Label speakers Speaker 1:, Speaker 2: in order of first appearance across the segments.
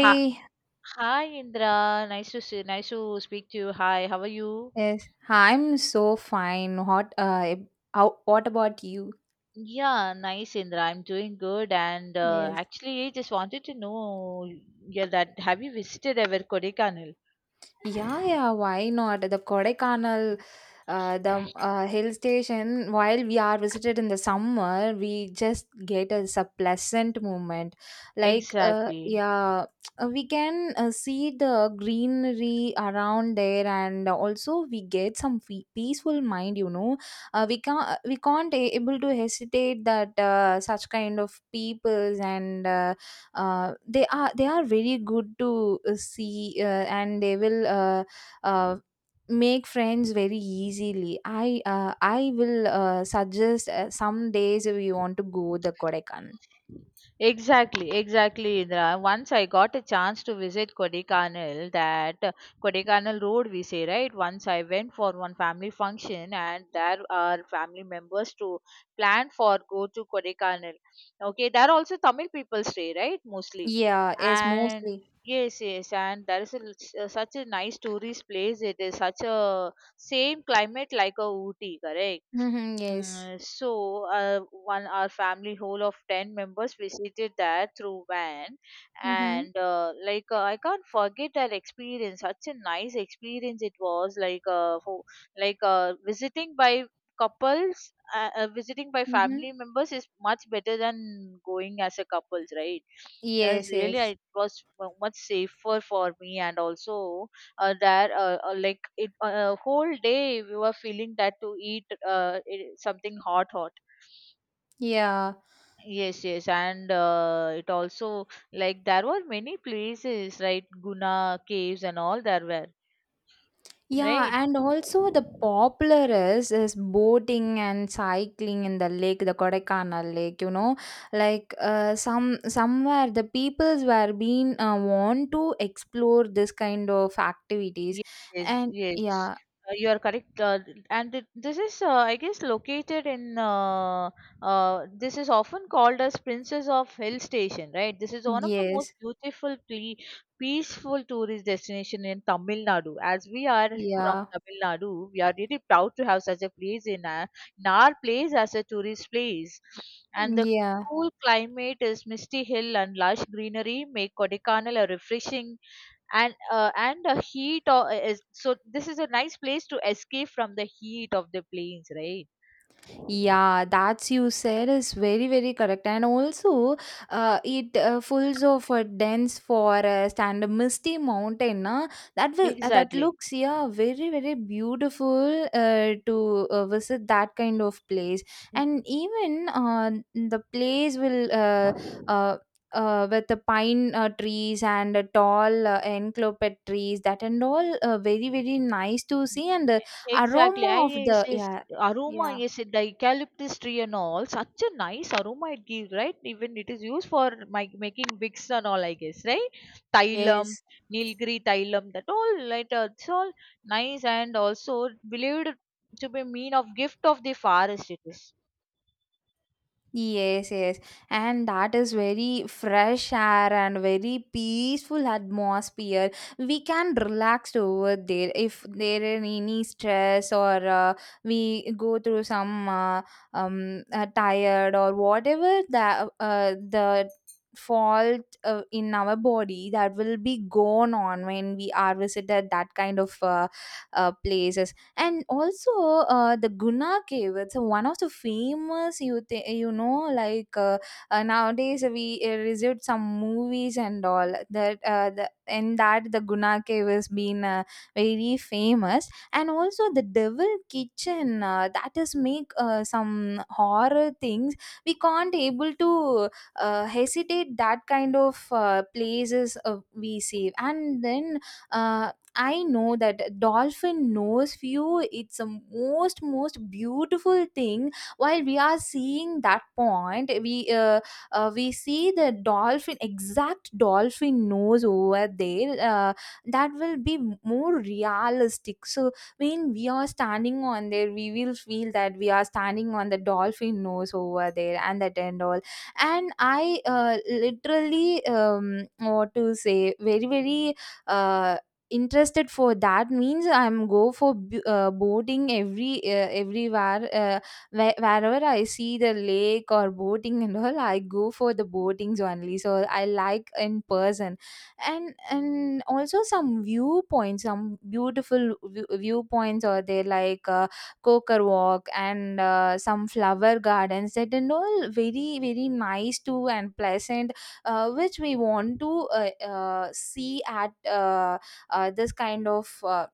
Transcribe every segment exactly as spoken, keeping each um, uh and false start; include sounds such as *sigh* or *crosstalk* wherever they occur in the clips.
Speaker 1: Hi, hi Indra. Nice to see, nice to speak to you. Hi, how are you?
Speaker 2: yes, I'm so fine. What, uh, ab- how, what about you?
Speaker 1: Yeah, nice Indra. I'm doing good. And uh,
Speaker 2: Yes.
Speaker 1: actually, just wanted to know, yeah, that have you visited ever Kodaikanal?
Speaker 2: Yeah, yeah, why not? The Kodaikanal, uh, the uh, hill station, while we are visited in the summer, we just get as a pleasant moment. Like, uh,
Speaker 1: Exactly.
Speaker 2: yeah, uh, we can uh, see the greenery around there, and also we get some fe- peaceful mind, you know. Uh, we can't, we can't a- able to hesitate that uh, such kind of peoples and uh, uh, they are they are very good to uh, see uh, and they will uh, uh, make friends very easily. I uh, i will uh, suggest uh, some days if you want to go the Kodaikanal.
Speaker 1: Exactly, exactly, Indra. Once I got a chance to visit Kodaikanal, that uh, Kodaikanal Road, we say, right? Once I went for one family function, and there are family members to plan for go to Kodaikanal. Okay, there also Tamil people stay, right? Mostly,
Speaker 2: Yeah. Yes,
Speaker 1: and
Speaker 2: mostly.
Speaker 1: yes, yes, and there is a, l- s- uh, such a nice tourist place. It is such a same climate like a Ooty, correct?
Speaker 2: Mm-hmm, yes.
Speaker 1: Mm, so uh, one our family whole of ten members visited that through van,
Speaker 2: Mm-hmm,
Speaker 1: and uh, like uh, I can't forget that experience. Such a nice experience it was, like uh, for, like uh, visiting by couples uh, uh, visiting by
Speaker 2: mm-hmm.
Speaker 1: family members is much better than going as a couples, right? That's
Speaker 2: Yes,
Speaker 1: really, I-
Speaker 2: yes.
Speaker 1: it was mu- much safer for me, and also uh, there, uh, uh, like it uh, whole day we were feeling that to eat, uh, i- something hot hot.
Speaker 2: Yeah.
Speaker 1: Yes, yes, and uh, it also, like, there were many places, right? Guna caves and all, there were.
Speaker 2: Yeah,
Speaker 1: Right.
Speaker 2: and also the popular is is boating and cycling in the lake, the Kodaikanal lake. You know, like uh, some somewhere the peoples were being uh, want to explore this kind of activities,
Speaker 1: Yes,
Speaker 2: and
Speaker 1: yes,
Speaker 2: yeah.
Speaker 1: uh, you are correct. Uh, and it, this is, uh, I guess, located in. Uh, uh, this is often called as Princess of Hill Station, right? This is one of the most
Speaker 2: Yes,
Speaker 1: beautiful, ple- peaceful tourist destination in Tamil Nadu. As we are from
Speaker 2: yeah,
Speaker 1: Tamil Nadu, we are really proud to have such a place in our, in our place as a tourist place. And the
Speaker 2: yeah.
Speaker 1: cool climate is misty hill and lush greenery make Kodaikanal a refreshing, and uh, and the heat o- uh, is, so this is a nice place to escape from the heat of the plains, right?
Speaker 2: Yeah, that's you said is very very correct, and also uh, it uh, fulls of a dense forest and a misty mountain. Uh, that will uh, that
Speaker 1: Exactly.
Speaker 2: looks yeah very very beautiful uh, to uh, visit that kind of place, and even uh, the place will uh, uh, uh, with the pine uh, trees and uh, tall uh, encloped trees that and all uh, very very nice to see and the
Speaker 1: Exactly. I
Speaker 2: aroma of
Speaker 1: Yes,
Speaker 2: the
Speaker 1: yes.
Speaker 2: yeah.
Speaker 1: Aroma,
Speaker 2: Yeah.
Speaker 1: yes, the eucalyptus tree and all. Such a nice aroma it gives, right? Even it is used for my, making wicks and all, I guess, right? Thailam,
Speaker 2: Yes,
Speaker 1: Nilgiri Thailam, that all, right? uh, It's all nice, and also believed to be mean of gift of the forest it is.
Speaker 2: yes, yes. And that is very fresh air and very peaceful atmosphere. We can relax over there if there is any stress, or uh, we go through some uh, um uh, tired or whatever the uh, the fault uh, in our body that will be gone on when we are visited that kind of uh, uh, places, and also uh, the Guna cave, it's uh, one of the famous. You th- you know like uh, uh, nowadays we uh, received some movies and all, that uh, the in that the Guna cave has been uh, very famous, and also the Devil Kitchen, uh, that is make uh, some horror things we can't able to uh, hesitate that kind of uh, places uh, we see. And then uh, I know that dolphin nose view, it's the most most beautiful thing. While we are seeing that point, we uh, uh, we see the dolphin, exact dolphin nose over there. Uh, that will be more realistic, so when we are standing on there, we will feel that we are standing on the dolphin nose over there and that and all. And I uh, literally, um, what to say, very very Uh, interested for that. Means I'm go for b- uh, boating every uh, everywhere. Uh, where, wherever I see the lake or boating and all, I go for the boatings only, so I like in person. And and also some viewpoints, some beautiful view, viewpoints are there, like uh, coker walk and uh, some flower gardens that and all. Very very nice too and pleasant, uh, which we want to uh, uh, see at uh, uh, this kind of uh,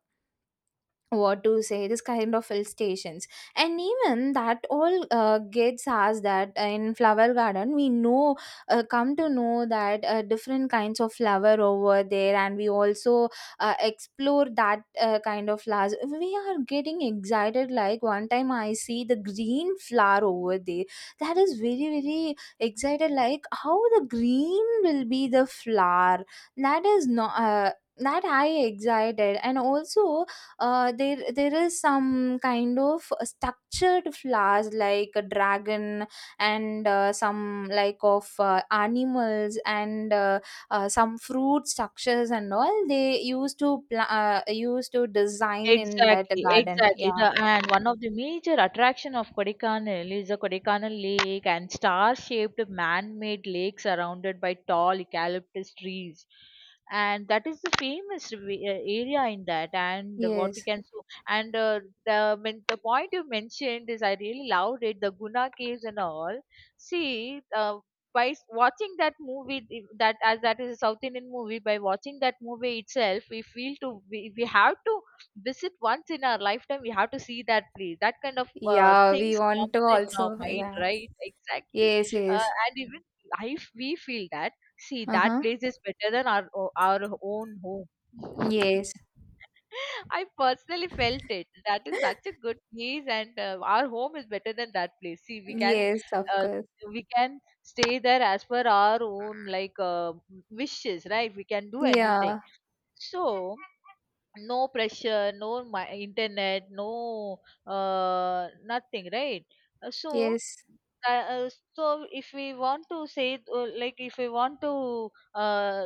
Speaker 2: what to say, this kind of hill stations. And even that all uh, gets us that uh, in flower garden, we know, uh, come to know that uh, different kinds of flower over there, and we also uh, explore that uh, kind of flowers. We are getting excited, like one time I see the green flower over there. That is very very excited, like how the green will be the flower. That is not uh, that I excited. And also uh, there there is some kind of structured flowers like a dragon, and uh, some like of uh, animals and uh, uh, some fruit structures, and all they used to pla- uh, used to design in that
Speaker 1: Exactly,
Speaker 2: garden.
Speaker 1: exactly. The,
Speaker 2: Yeah.
Speaker 1: and one of the major attraction of Kodaikanal is the Kodaikanal Lake and star-shaped man-made lake surrounded by tall eucalyptus trees. And that is the famous, re- uh, area in that. And what we
Speaker 2: Yes.
Speaker 1: can, so, and uh, the men- the point you mentioned is, I really loved it. The Guna caves and all. See, uh, by s- watching that movie, if that, as that is a South Indian movie, by watching that movie itself, we feel to we, we have to visit once in our lifetime, we have to see that place, that kind of uh,
Speaker 2: Yeah,
Speaker 1: things
Speaker 2: we want to
Speaker 1: comes in
Speaker 2: also.
Speaker 1: our mind,
Speaker 2: Yeah,
Speaker 1: right? Exactly.
Speaker 2: yes,
Speaker 1: Uh,
Speaker 2: yes.
Speaker 1: and even, I f- we feel that, see, that
Speaker 2: Uh-huh.
Speaker 1: place is better than our o- our own home. *laughs*
Speaker 2: Yes.
Speaker 1: I personally felt it. That is such a
Speaker 2: *laughs*
Speaker 1: good place, and uh, our home is better than that place. See, we can
Speaker 2: Yes, of
Speaker 1: uh,
Speaker 2: course.
Speaker 1: we can stay there as per our own, like uh, wishes, right? We can do anything.
Speaker 2: Yeah.
Speaker 1: So, no pressure, no my internet, no, uh, nothing, right? Uh, So,
Speaker 2: Yes.
Speaker 1: uh, uh, so if we want to say, uh, like, if we want to uh,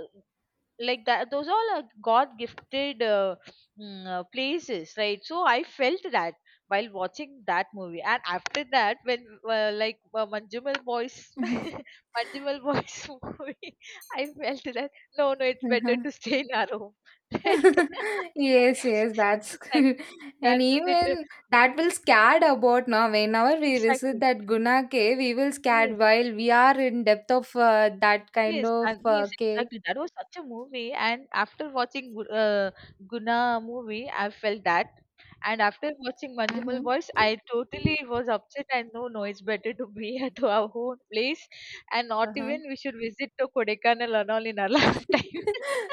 Speaker 1: like that, those all are god gifted, uh, mm, uh, places, right? So I felt that, while watching that movie, and after that when, uh, like uh, Manjumal Boys.
Speaker 2: *laughs*
Speaker 1: *laughs* Manjumal Boys *laughs* movie, I felt that, no, no, it's better
Speaker 2: Uh-huh.
Speaker 1: to stay in our home. *laughs* Right.
Speaker 2: *laughs* Yes, yes, that's.
Speaker 1: *laughs*
Speaker 2: *laughs*
Speaker 1: Exactly. That
Speaker 2: And
Speaker 1: was it.
Speaker 2: even that will scared about now. Whenever we visit
Speaker 1: Exactly.
Speaker 2: that Guna cave, we will
Speaker 1: Yes.
Speaker 2: scared while we are in depth of uh, that kind
Speaker 1: Yes,
Speaker 2: of
Speaker 1: and yes,
Speaker 2: uh, cave.
Speaker 1: exactly. That was such a movie, and after watching, Gu- uh, Guna movie, I felt that, and after watching Manjumal Boys,
Speaker 2: Mm-hmm.
Speaker 1: I totally was upset. And no, no, it's better to be *laughs* at our own place, and not
Speaker 2: Uh-huh.
Speaker 1: even we should visit to Kodaikanal and all in our *laughs* lifetime.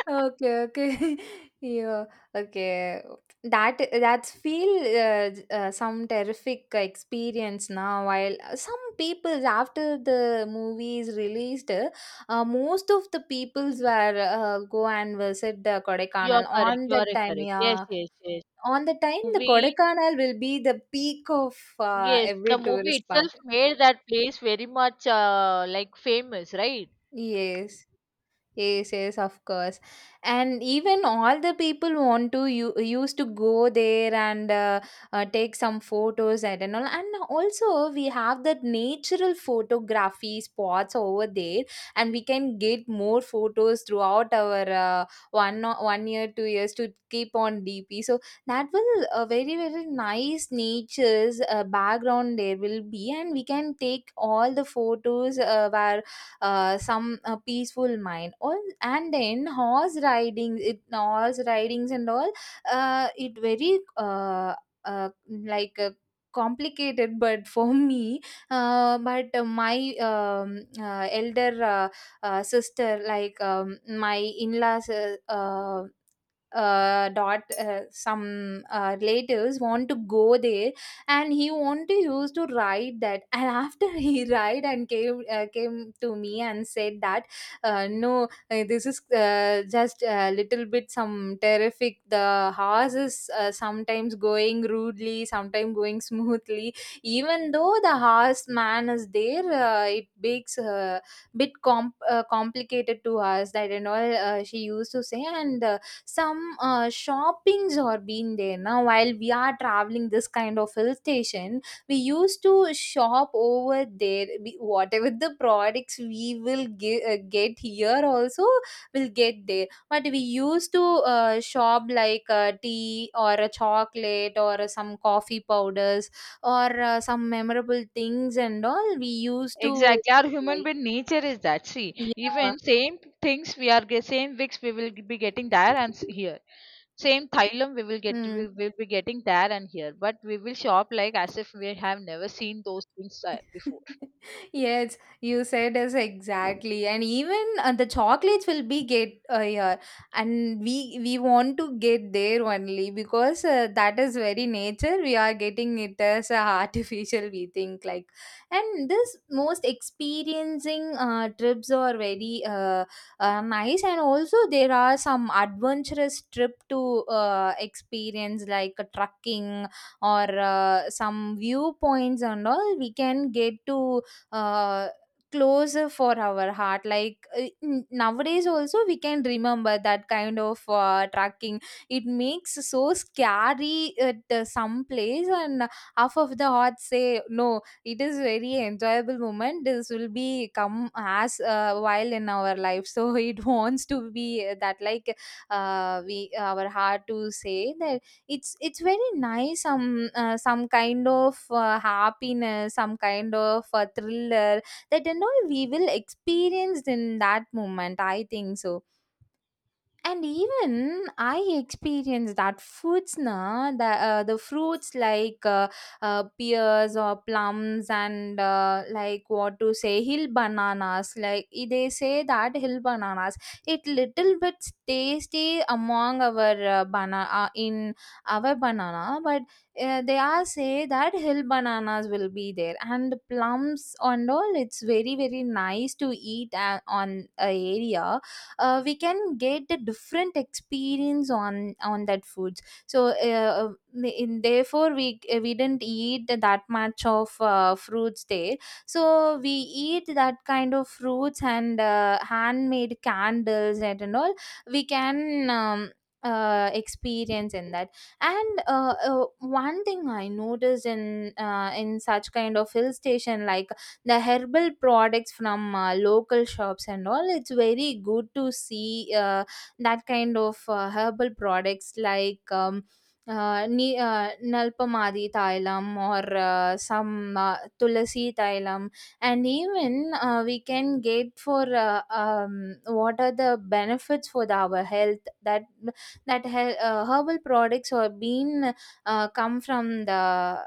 Speaker 2: Okay, okay. *laughs* Yeah, okay. That that's feel, uh, j- uh, some terrific experience now. While some people's, after the movie is released, uh, most of the peoples were uh, go and visit the
Speaker 1: You are
Speaker 2: Kodaikanal
Speaker 1: correct.
Speaker 2: on
Speaker 1: You are
Speaker 2: that time.
Speaker 1: correct. Yes,
Speaker 2: Yeah,
Speaker 1: yes, yes.
Speaker 2: on the time the
Speaker 1: Movie,
Speaker 2: Kodaikanal will be the peak of uh,
Speaker 1: yes, the
Speaker 2: every
Speaker 1: movie
Speaker 2: tourist part.
Speaker 1: itself made that place very much, uh, like, famous, right?
Speaker 2: Yes. Yes, yes, of course. And even all the people want to, you used to go there, and uh, uh, take some photos and and all. And also we have that natural photography spots over there, and we can get more photos throughout our uh, one o- one year, two years to keep on D P. So that will uh, very very nice nature's uh, background there will be, and we can take all the photos uh, where uh, some uh, peaceful mind, all, and then horse riding, it horse ridings and all, uh, it very uh, uh, like uh, complicated *laughs* but for me, uh, but uh, my um, uh, elder uh, uh, sister, like um, my in-laws, uh, uh, uh, dot, uh, some uh, relatives want to go there, and he want to use to ride that, and after *laughs* he ride and came, uh, came to me and said that uh, no, uh, this is uh, just a little bit some terrific. The horse is uh, sometimes going rudely, sometimes going smoothly. Even though the horse man is there, uh, it makes a bit comp- uh, complicated to us, that and all, uh, she used to say. And uh, some uh, shoppings are being there now. While we are traveling this kind of hill station, we used to shop over there. We, whatever the products we will ge- uh, get here also, will get there, but we used to uh, shop like uh, tea or a chocolate or uh, some coffee powders or uh, some memorable things and all we used to
Speaker 1: Exactly, our
Speaker 2: buy.
Speaker 1: human being nature is that. See,
Speaker 2: Yeah.
Speaker 1: even same things we are get, same wigs we will be getting there and s- here. Same thylum we will get we
Speaker 2: Mm.
Speaker 1: will be getting there and here. But we will shop like as if we have never seen those things uh, before.
Speaker 2: Yes, you said us exactly, and even uh, the chocolates will be get uh, here, and we we want to get there only because uh, that is very nature. We are getting it as uh, artificial, we think, like. And this most experiencing uh, trips are very uh, uh, nice, and also there are some adventurous trip to uh, experience, like uh, trucking or uh, some viewpoints and all we can get to uh, closer for our heart. Like uh, n- nowadays also we can remember that kind of uh, tracking. It makes so scary at uh, some place, and half of the heart say no, it is very enjoyable moment. This will be come as a while in our life, so *laughs* it wants to be that, like uh, we, our heart to say that it's it's very nice. Some uh, some kind of uh, happiness, some kind of uh, thriller that, you know, we will experience in that moment, I think so. And even I experienced that foods na, the uh, the fruits like uh, uh, pears or plums, and uh, like what to say, hill bananas. Like i- they say that hill bananas, it little bit tasty among our uh, banana, uh, in our banana. But uh, they are say that hill bananas will be there, and plums and all, it's very very nice to eat uh, on a area. Uh, we can get the different experience on on that foods. So uh, in, therefore we uh, we didn't eat that much of uh, fruits there, so we eat that kind of fruits, and uh, handmade candles and and all we can um, uh, experience in that. And uh, uh, one thing I noticed in uh, in such kind of hill station, like the herbal products from uh, local shops and all, it's very good to see uh, that kind of uh, herbal products, like um, uh, ni- uh, Nalpamadi Thailam, or uh, some uh, Tulasi Thailam. And even uh, we can get for uh, um, what are the benefits for the, our health. That that he- uh, herbal products are being uh, come from the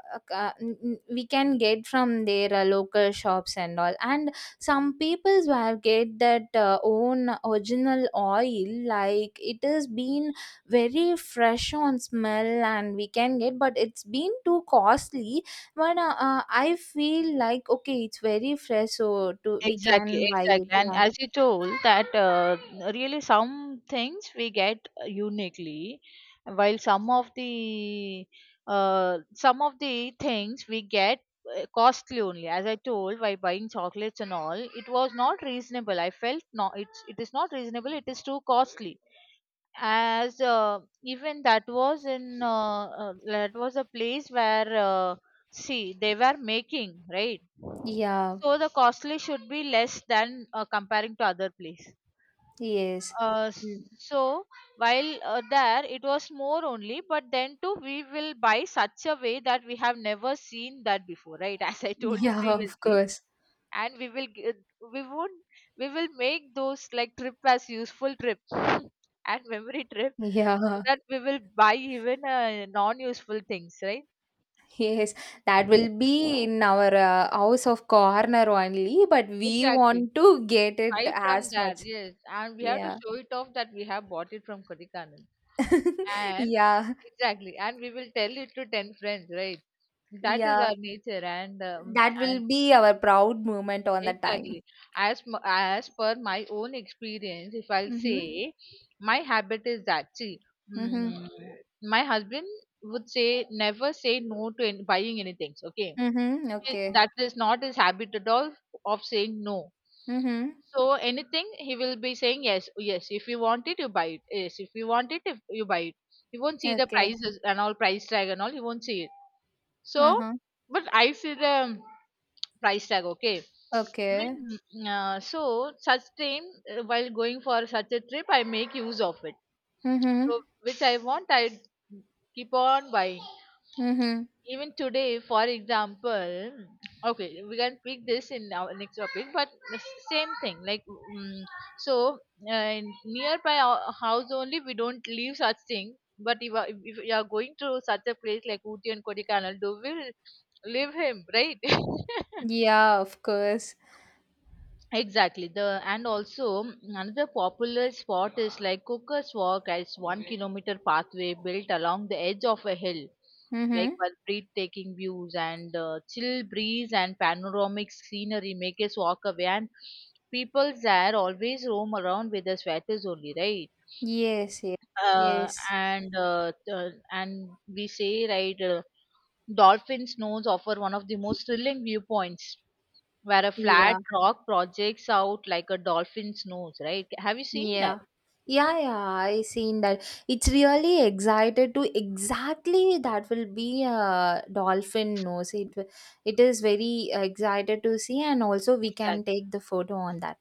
Speaker 2: uh, uh, n- n- we can get from their uh, local shops and all. And some peoples will get that uh, own original oil, like it has been very fresh on smell, and we can get, but it's been too costly. But uh, uh, I feel like, okay, it's very fresh, so to, we
Speaker 1: Exactly,
Speaker 2: can buy it.
Speaker 1: exactly. And
Speaker 2: Yeah.
Speaker 1: as you told that, uh, really some things we get, uh, uniquely, while some of the uh, some of the things we get, uh, costly only. As I told, while buying chocolates and all, it was not reasonable. I felt no, it's it is not reasonable. It is too costly. As uh, even that was in, uh, uh, that was a place where, uh, see, they were making, right?
Speaker 2: Yeah.
Speaker 1: So the costly should be less than, uh, comparing to other place.
Speaker 2: Yes.
Speaker 1: Uh,
Speaker 2: Mm.
Speaker 1: so while, uh, there it was more only, but then too we will buy such a way that we have never seen that before, right? *laughs* As I
Speaker 2: *laughs*
Speaker 1: told you
Speaker 2: Yeah, of
Speaker 1: previously,
Speaker 2: course.
Speaker 1: and we will g- we would we will make those like trip as useful trip, *laughs* and memory trip,
Speaker 2: Yeah.
Speaker 1: so that we will buy even, uh, non-useful things, right?
Speaker 2: Yes, that will be in our uh, house of corner only, but we
Speaker 1: Exactly.
Speaker 2: want to get it
Speaker 1: Buy from
Speaker 2: as
Speaker 1: there,
Speaker 2: much.
Speaker 1: yes. And we have to
Speaker 2: Yeah.
Speaker 1: show it off that we have bought it from Kodaikanal.
Speaker 2: *laughs*
Speaker 1: And
Speaker 2: Yeah.
Speaker 1: exactly, and we will tell it to ten friends, right? That is
Speaker 2: Yeah.
Speaker 1: our nature, and um,
Speaker 2: That
Speaker 1: and
Speaker 2: will be our proud moment on that
Speaker 1: exactly
Speaker 2: time.
Speaker 1: as m- as per my own experience, if I'll
Speaker 2: Mm-hmm.
Speaker 1: say, my habit is that. See,
Speaker 2: Mm-hmm.
Speaker 1: mm, my husband would say, never say no to any, buying anything. Okay,
Speaker 2: Mm-hmm.
Speaker 1: i-
Speaker 2: Okay.
Speaker 1: that is not his habit at all of saying no.
Speaker 2: Mm-hmm.
Speaker 1: So anything he will be saying yes, yes. If you want it, you buy it. Yes, if you want it, if you buy it. He won't see the
Speaker 2: Okay.
Speaker 1: prices and all, price tag and all. He won't see it. So,
Speaker 2: Uh-huh.
Speaker 1: but I see the price tag. Okay.
Speaker 2: Okay.
Speaker 1: Even, uh, so, such time, uh, while going for such a trip, I make use of it.
Speaker 2: Mm-hmm.
Speaker 1: So which I want, I keep on buying,
Speaker 2: Mm-hmm.
Speaker 1: even today. For example, okay, we can pick this in our next topic. But the, s- same thing, like, mm so, uh, nearby our house only, we don't leave such thing. But if, uh, if if you are going to such a place like Uti and Kodaikanal, do we will leave him, right? *laughs*
Speaker 2: Yeah, of course.
Speaker 1: Exactly. The And also, mm, another popular spot is like Cooker's Walk, as one kilometer pathway built along the edge of a hill, like,
Speaker 2: Mm-hmm.
Speaker 1: with breathtaking views and, uh, chill breeze and panoramic scenery make us walk away. And people there always roam around with the sweaters only, right?
Speaker 2: Yes, yes,
Speaker 1: Uh,
Speaker 2: yes.
Speaker 1: and uh, uh, and we say, right, uh, dolphin snows offer one of the most thrilling viewpoints, where a flat
Speaker 2: Yeah.
Speaker 1: rock projects out like a dolphin's nose, right? Have you seen that?
Speaker 2: Yeah. Yeah, yeah, I seen that. It's really excited to exactly that will be a dolphin nose. It will- it is very excited to see, and also we can
Speaker 1: Exactly.
Speaker 2: take the photo on that.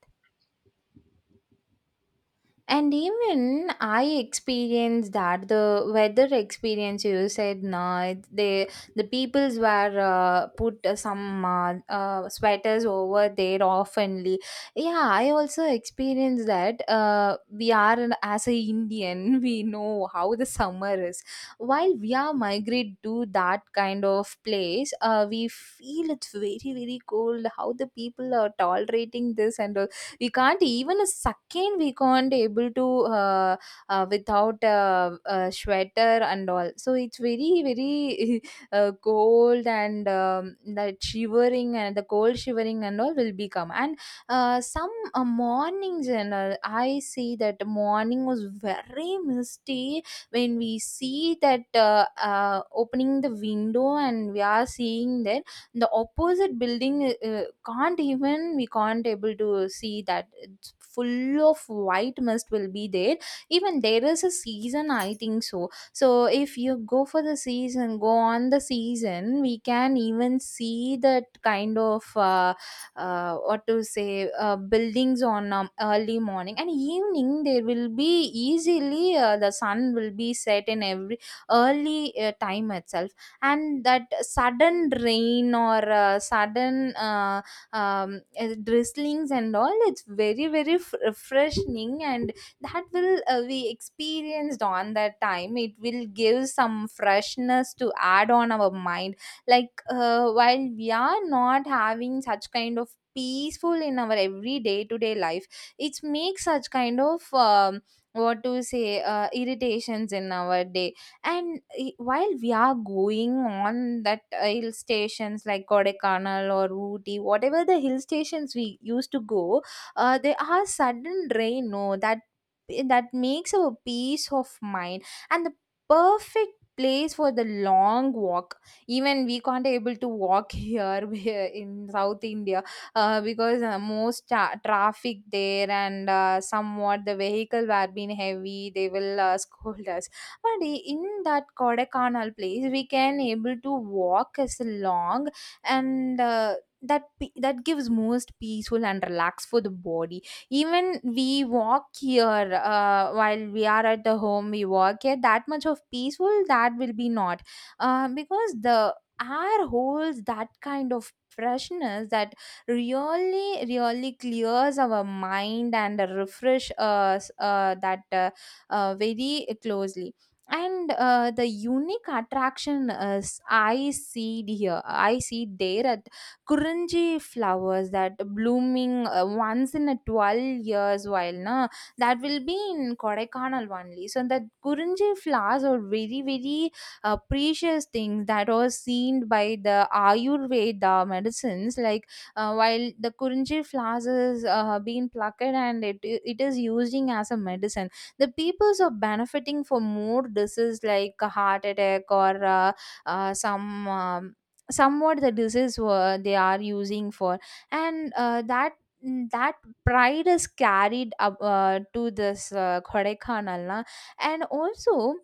Speaker 2: And even I experienced that the weather experience you said no, it- they the peoples were uh, put uh, some uh, uh, sweaters over there oftenly. Yeah, I also experienced that. Uh, we are an- as a Indian, *laughs* we know how the summer is. While we are migrate to that kind of place, uh, we feel it's very very cold. How the people are tolerating this and all, we can't even a second we can't able to uh, uh, without uh, a sweater and all, so it's very very *laughs* uh, cold, and um, that shivering and the cold shivering and all will become. And uh, some uh, mornings and all, I see that morning was very misty when we see that, uh, uh, opening the window and we are seeing that the opposite building, uh, uh, can't even we can't able to see that, it's full of white mist will be there. Even there is a season, I think so, so if you go for the season, go on the season, we can even see that kind of uh, uh, what to say, uh, buildings on um, early morning. And evening, there will be easily uh, the sun will be set in every early uh, time itself. And that sudden rain or uh, sudden uh, um, uh, drizzlings and all, it's very very f- refreshing, and that will, uh, we experienced on that time, it will give some freshness to add on our mind. Like, uh, while we are not having such kind of peaceful in our every day to day life, it makes such kind of um, what to say, uh, irritations in our day. And i- while we are going on that uh, hill stations like Kodaikanal or Ooty, whatever the hill stations we used to go, uh, there are sudden rain. No, that, eh, that makes a peace of mind, and the perfect place for the long walk. Even we can't able to walk here *laughs* where in South India, uh, because uh, most tra- traffic there, and uh, somewhat the vehicle were being heavy, they will uh, *laughs* scold us. But i- in that Kodaikanal place, we can able to walk as long. And uh, that pe- that gives most peaceful and relax for the body. Even we walk here, uh, while we are at the home, we walk here, that much of peaceful that will be not, uh, because the air holds that kind of freshness, that really really clears our mind and refresh us, uh, that uh, uh, very closely. And uh, the unique attraction is, I see it here, I see it there at kurunji flowers that blooming uh, once in a twelve years, while na that will be in Kodaikanal only. So that kurunji flowers are very very uh, precious things that are seen by the ayurveda medicines, like uh, while the kurunji flowers is uh, being plucked, and it it is using as a medicine, the peoples are benefiting for more disease like a heart attack, or uh, uh, some um, somewhat the disease were they are using for. And uh, that, mm, that pride is carried up uh, to this uh, Kodaikanal na. And also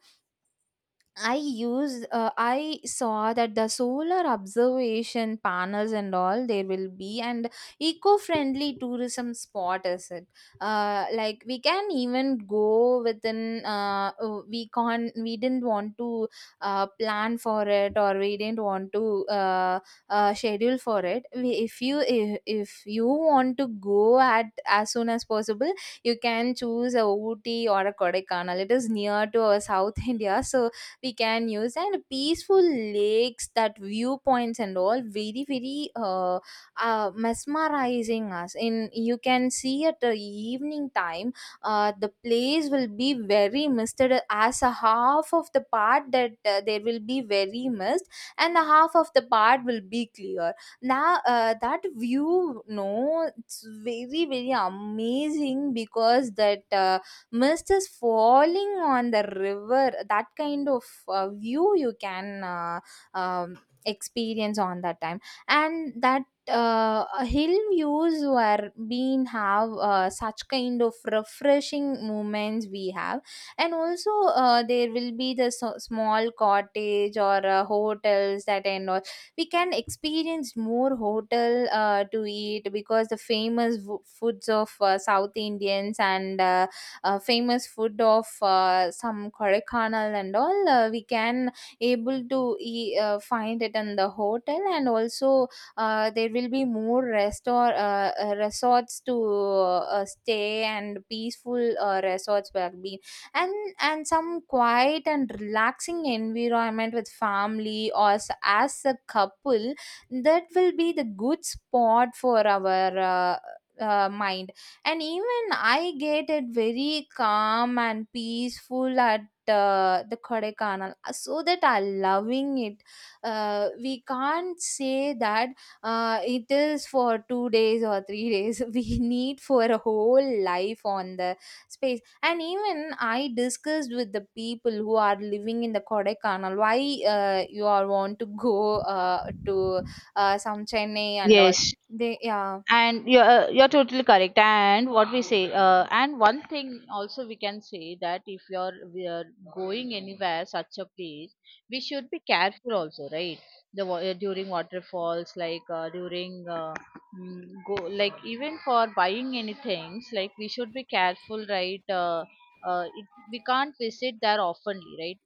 Speaker 2: I use. uh, I saw that the solar observation panels and all there will be, and eco-friendly tourism spot is it. Uh, like we can even go within, uh, uh, we can't, we didn't want to uh, plan for it, or we didn't want to uh, uh, schedule for it. We, if you if, if you want to go at as soon as possible, you can choose a Ooty or a Kodaikanal. It is near to our South *laughs* India, so we can use and peaceful lakes, that viewpoints and all very very uh, uh, mesmerizing us. In, you can see at the evening time, uh, the place will be very misted, as a half of the part, that uh, there will be very mist, and the half of the part will be clear. Now, uh, that view no, it's very very amazing because that uh, mist is falling on the river, that kind of uh, view you can, uh, um, experience on that time. And that uh, hill views were being have uh, such kind of refreshing moments we have. And also uh, there will be the so- small cottage or uh, hotels that and all, we can experience more hotel uh, to eat, because the famous w- foods of uh, south indians, and uh, uh, famous food of uh, some Kodaikanal and all, uh, we can able to e- uh, find it in the hotel. And also uh, there will be more restaur uh, uh, resorts to uh, stay, and peaceful uh, resorts will be, and and some quiet and relaxing environment with family or s- as a couple, that will be the good spot for our uh, uh, mind. And even I get it very calm and peaceful at uh, the Kodaikanal. Uh, so that I loving it. Uh, we can't say that uh, it is for two days or three days. *laughs* We need for a whole life on the space. And even I discussed with the people who are living in the Kodaikanal, why uh, you all want to go uh, to uh, some Chennai and all.
Speaker 1: Yes,
Speaker 2: They yeah.
Speaker 1: and you're uh, you're totally correct. And what we say, uh, and one thing also we can say, that if you're we are going anywhere such a place, we should be careful also, right? The, wa- uh, during waterfalls, like uh, during, uh, mm, go, like, even for buying any things, like, we should be careful, right? Uh, uh, it, we can't visit there oftenly, right?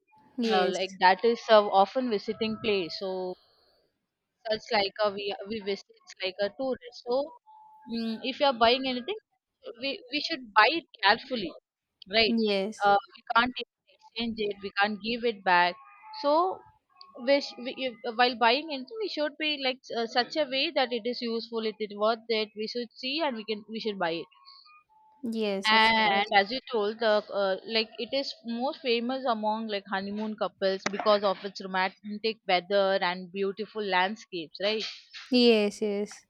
Speaker 1: uh,
Speaker 2: Yes,
Speaker 1: Like that is, uh, often visiting place, so such like a, we we visit like a tourist, so, mm, if you are buying anything, we we should buy it carefully, right?
Speaker 2: yes.
Speaker 1: Uh, we can't even exchange it, we can't give it back. So, we, sh- we, if- uh, while buying anything, we should be, like uh, such a way that it is useful, it is worth it, we should see, and we can we should buy it.
Speaker 2: Yes, of
Speaker 1: And
Speaker 2: course.
Speaker 1: as you told, the uh, like, it is most famous among like honeymoon couples because of its romantic weather and beautiful landscapes, right?
Speaker 2: Yes, yes.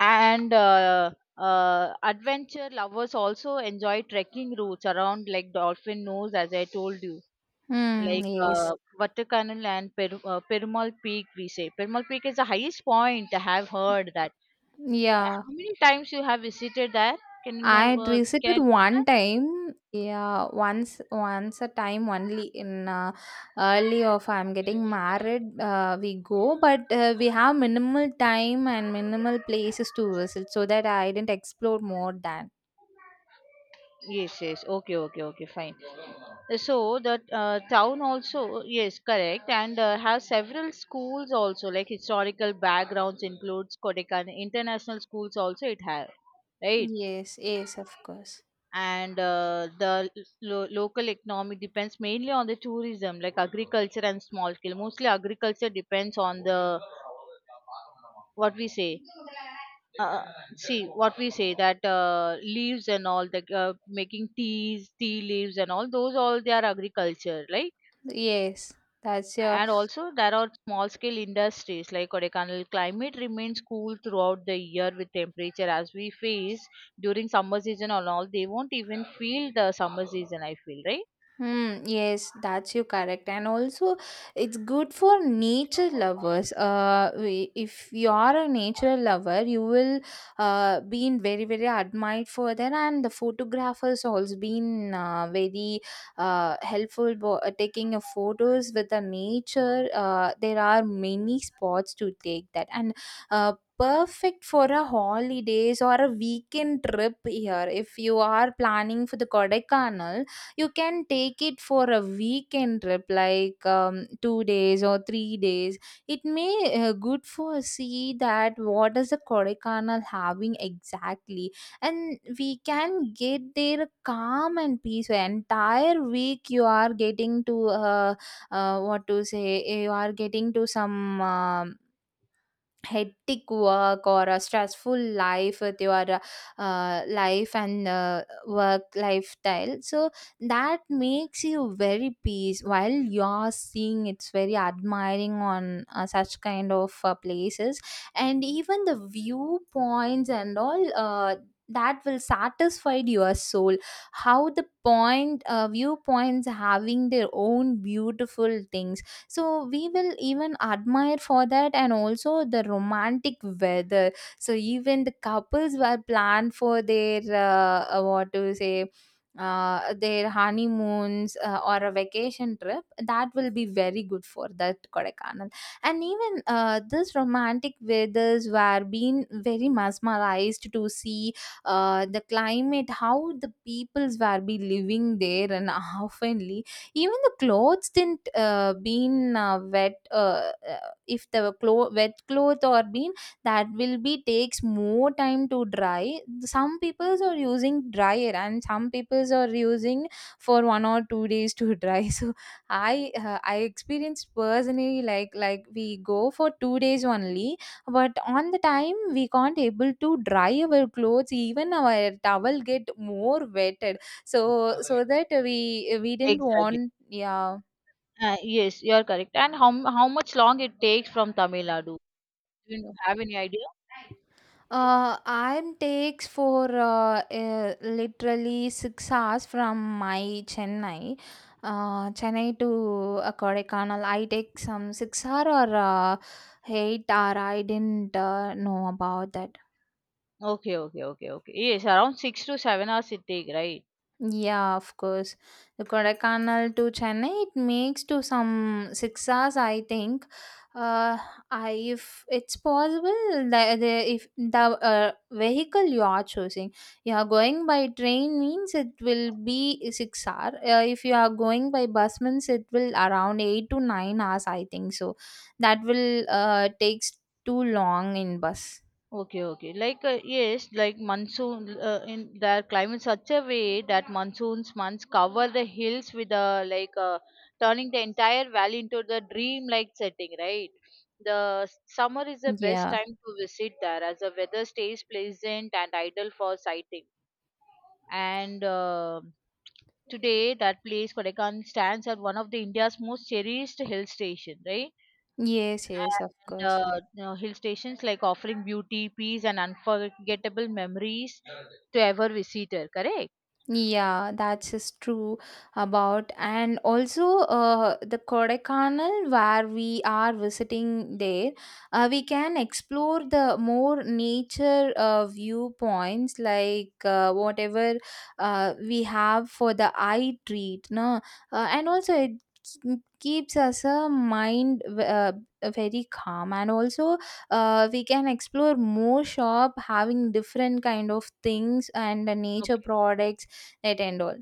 Speaker 1: And, uh, uh, adventure lovers also enjoy trekking routes around like Dolphin Nose, as I told you,
Speaker 2: Hmm,
Speaker 1: like
Speaker 2: yes.
Speaker 1: uh, Vatakanal and, per- uh, Perumal Peak. We say Perumal Peak is the highest point. I have heard that. Uh,
Speaker 2: Yeah.
Speaker 1: How many times you have visited that? Can you
Speaker 2: I
Speaker 1: know?
Speaker 2: had
Speaker 1: Uh, can
Speaker 2: visited
Speaker 1: I know that?
Speaker 2: one time. Yeah, once once a time only, in uh, early of I'm getting married, uh, we go, but uh, we have minimal time and minimal places to visit, so that I didn't explore more than.
Speaker 1: Yes, yes. Okay, okay, okay, Fine. So the, uh, town also, yes, correct, and, uh, has several schools also, like, historical backgrounds includes Kodaikanal international schools also it has, right?
Speaker 2: Yes, yes, of course.
Speaker 1: And, uh, the, lo- local economy depends mainly on the tourism, like agriculture and small scale, mostly agriculture depends on the, what we say, uh, see, what we say, that, uh, leaves and all, the, uh, making teas, tea leaves and all, those all they are agriculture, like.
Speaker 2: Yes. That's your.
Speaker 1: And also, there are small scale industries like Kodaikanal. Climate remains cool throughout the year with temperature as we face during summer season and all. They won't even feel the summer season, I feel, right?
Speaker 2: Hmm, yes, that's you correct. And also, it's good for nature lovers. Uh we- if you are a nature lover, you will uh been very, very admired for that. And the photographers also been uh, very uh helpful, bo- uh, taking a photos with the nature. Uh there are many spots to take that, and uh perfect for a holidays or a weekend trip here. If you are planning for the Kodaikanal, you can take it for a weekend trip, like um, two days or three days, it may uh, good for see that what is the Kodaikanal having exactly. And we can get there calm and peace. Entire week you are getting to, uh, uh, what to say, you are getting to some um hectic work or a stressful life with your uh, uh, life and uh, work lifestyle. So that makes you very peace while you're seeing, it's very admiring on uh, such kind of uh, places. And even the viewpoints and all, uh, that will satisfy your soul, how the point uh, viewpoints having their own beautiful things. So we will even admire for that, and also the romantic weather. So even the couples were planned for their uh, uh, what to say, uh, their honeymoons uh, or a vacation trip, that will be very good for that Kodaikanal. And even uh, this romantic weathers were being very mesmerized to see uh, the climate, how the peoples were be living there, and *laughs* how friendly. Even the clothes didn't uh, been uh, wet. uh, uh, if the clo- wet cloth or been, that will be takes more time to dry. Some peoples are using dryer, and some peoples are using for one or two days to dry. *laughs* So i uh, I experienced personally, like like we go for two days only, but on the time we can't able to dry our clothes, even our towel get more wet. So, so that we we didn't
Speaker 1: Exactly.
Speaker 2: want, yeah.
Speaker 1: Uh, yes, you are correct. And, how, how much long it takes from Tamil Nadu? Do you have any idea?
Speaker 2: Uh, I'm takes for uh, uh, literally six hours from my Chennai, uh, Chennai to uh, Kodaikanal. I take some six hour or uh, eight hour. I didn't uh, know about that.
Speaker 1: Okay, okay, okay, okay. Yes, around six to seven hours it take, right?
Speaker 2: Yeah, of course. The Kodaikanal to Chennai, it makes to some six hours, I think. Uh, I, if it's possible, the, the if the uh, vehicle you are choosing, you are going by train means it will be six hour. Uh, if you are going by bus means it will around eight to nine hours, I think. So that will uh takes too long in bus.
Speaker 1: Okay, okay. Like uh, yes, like monsoon. Uh, in their climate such a way that monsoons months cover the hills with a, like uh, turning the entire valley into the dream-like setting, right? The, s- summer is the best
Speaker 2: Yeah.
Speaker 1: time to visit there as the weather stays pleasant and ideal for sighting. And, uh, today, that place Kodaikanal stands as one of the India's most cherished hill station, right?
Speaker 2: Yes. Yes. Of
Speaker 1: And,
Speaker 2: course.
Speaker 1: uh, you know, hill stations like offering beauty, peace, and unforgettable memories to ever visitor. Correct?
Speaker 2: Yeah, that's is true about. And also uh, the Kodaikanal where we are visiting there, uh, we can explore the more nature uh, viewpoints, like, uh, whatever uh, we have for the eye treat, no, uh, and also it k- keeps us a mind uh, very calm. And also uh, we can explore more shop having different kind of things and the nature
Speaker 1: Okay.
Speaker 2: products. Right and all.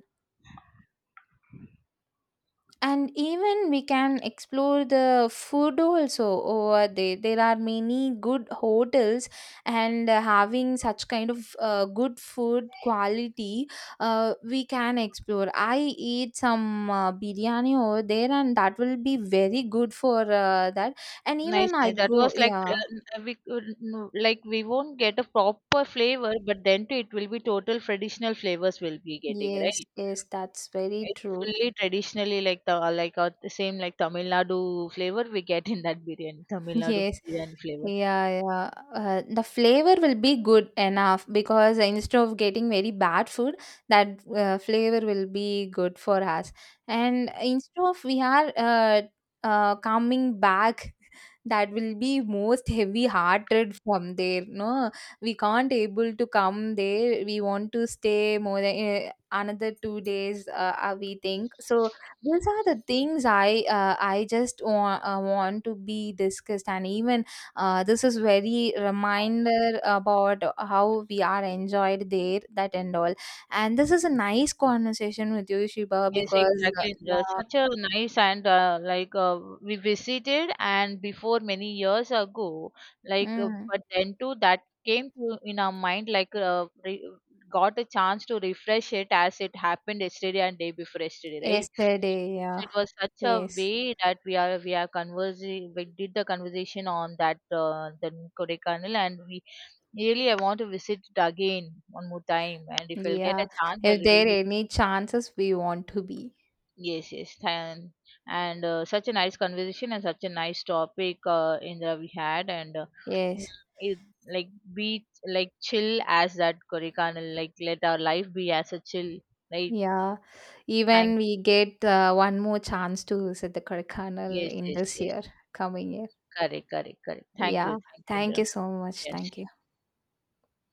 Speaker 2: And even we can explore the food also over there. There are many good hotels, and uh, having such kind of uh, good food quality, uh, we can explore. I eat some uh, biryani over there, and that will be very good for uh, that. And
Speaker 1: Nice,
Speaker 2: even I
Speaker 1: nice. That
Speaker 2: go,
Speaker 1: was like uh,
Speaker 2: yeah.
Speaker 1: n- we could- no, like, we won't get a proper flavor, but then too it will be total traditional flavors we'll be getting,
Speaker 2: Yes,
Speaker 1: right?
Speaker 2: yes, that's very
Speaker 1: It's
Speaker 2: true.
Speaker 1: fully traditionally, like, the like uh, the same, like Tamil Nadu flavor we get in that biryani, Tamil Nadu
Speaker 2: Yes.
Speaker 1: biryani flavor.
Speaker 2: Yeah, yeah. Uh, the flavor will be good enough, because instead of getting very bad food, that uh, flavor will be good for us. And instead of we are uh, uh, coming back, *laughs* that will be most heavy-hearted from there. No, we can't able to come there, we want to stay more than uh, another two days. Uh, uh, we think so. These are the things I uh, I just want, uh, want to be discussed. And even uh, this is very reminder about how we are enjoyed there that and all, and this is a nice conversation with you Shiba,
Speaker 1: Yes,
Speaker 2: because
Speaker 1: exactly.
Speaker 2: uh,
Speaker 1: Indra.
Speaker 2: yeah.
Speaker 1: Such a nice. And, uh, like uh, we visited, and before many years ago, like uh,
Speaker 2: Mm,
Speaker 1: but then too that came to in our mind, like uh, re- got a chance to refresh it as it happened yesterday and day before yesterday, right?
Speaker 2: yesterday
Speaker 1: So
Speaker 2: yeah.
Speaker 1: it was such a
Speaker 2: Yes,
Speaker 1: way that we are we are conversing. We did the conversation on that, uh, the Kodaikanal, and we, really, I want to visit it again one more time and if we'll get
Speaker 2: yeah.
Speaker 1: a chance, I
Speaker 2: If there
Speaker 1: will.
Speaker 2: any chances we want to be.
Speaker 1: Yes, yes, and, and uh, such a nice conversation and such a nice topic, uh, Indra, we had, and, uh, mm,
Speaker 2: Yes,
Speaker 1: it, like, be like chill as that Kodaikanal, like, let our life be as a chill, right?
Speaker 2: yeah,
Speaker 1: Thank
Speaker 2: even we
Speaker 1: you.
Speaker 2: get uh, one more chance to visit the Kodaikanal
Speaker 1: Yes,
Speaker 2: in
Speaker 1: yes,
Speaker 2: this
Speaker 1: yes.
Speaker 2: year, coming year.
Speaker 1: Correct, correct, correct. Thank you,
Speaker 2: Yeah.
Speaker 1: thank you,
Speaker 2: Thank
Speaker 1: Indra.
Speaker 2: you so much.
Speaker 1: Yes.
Speaker 2: Thank you.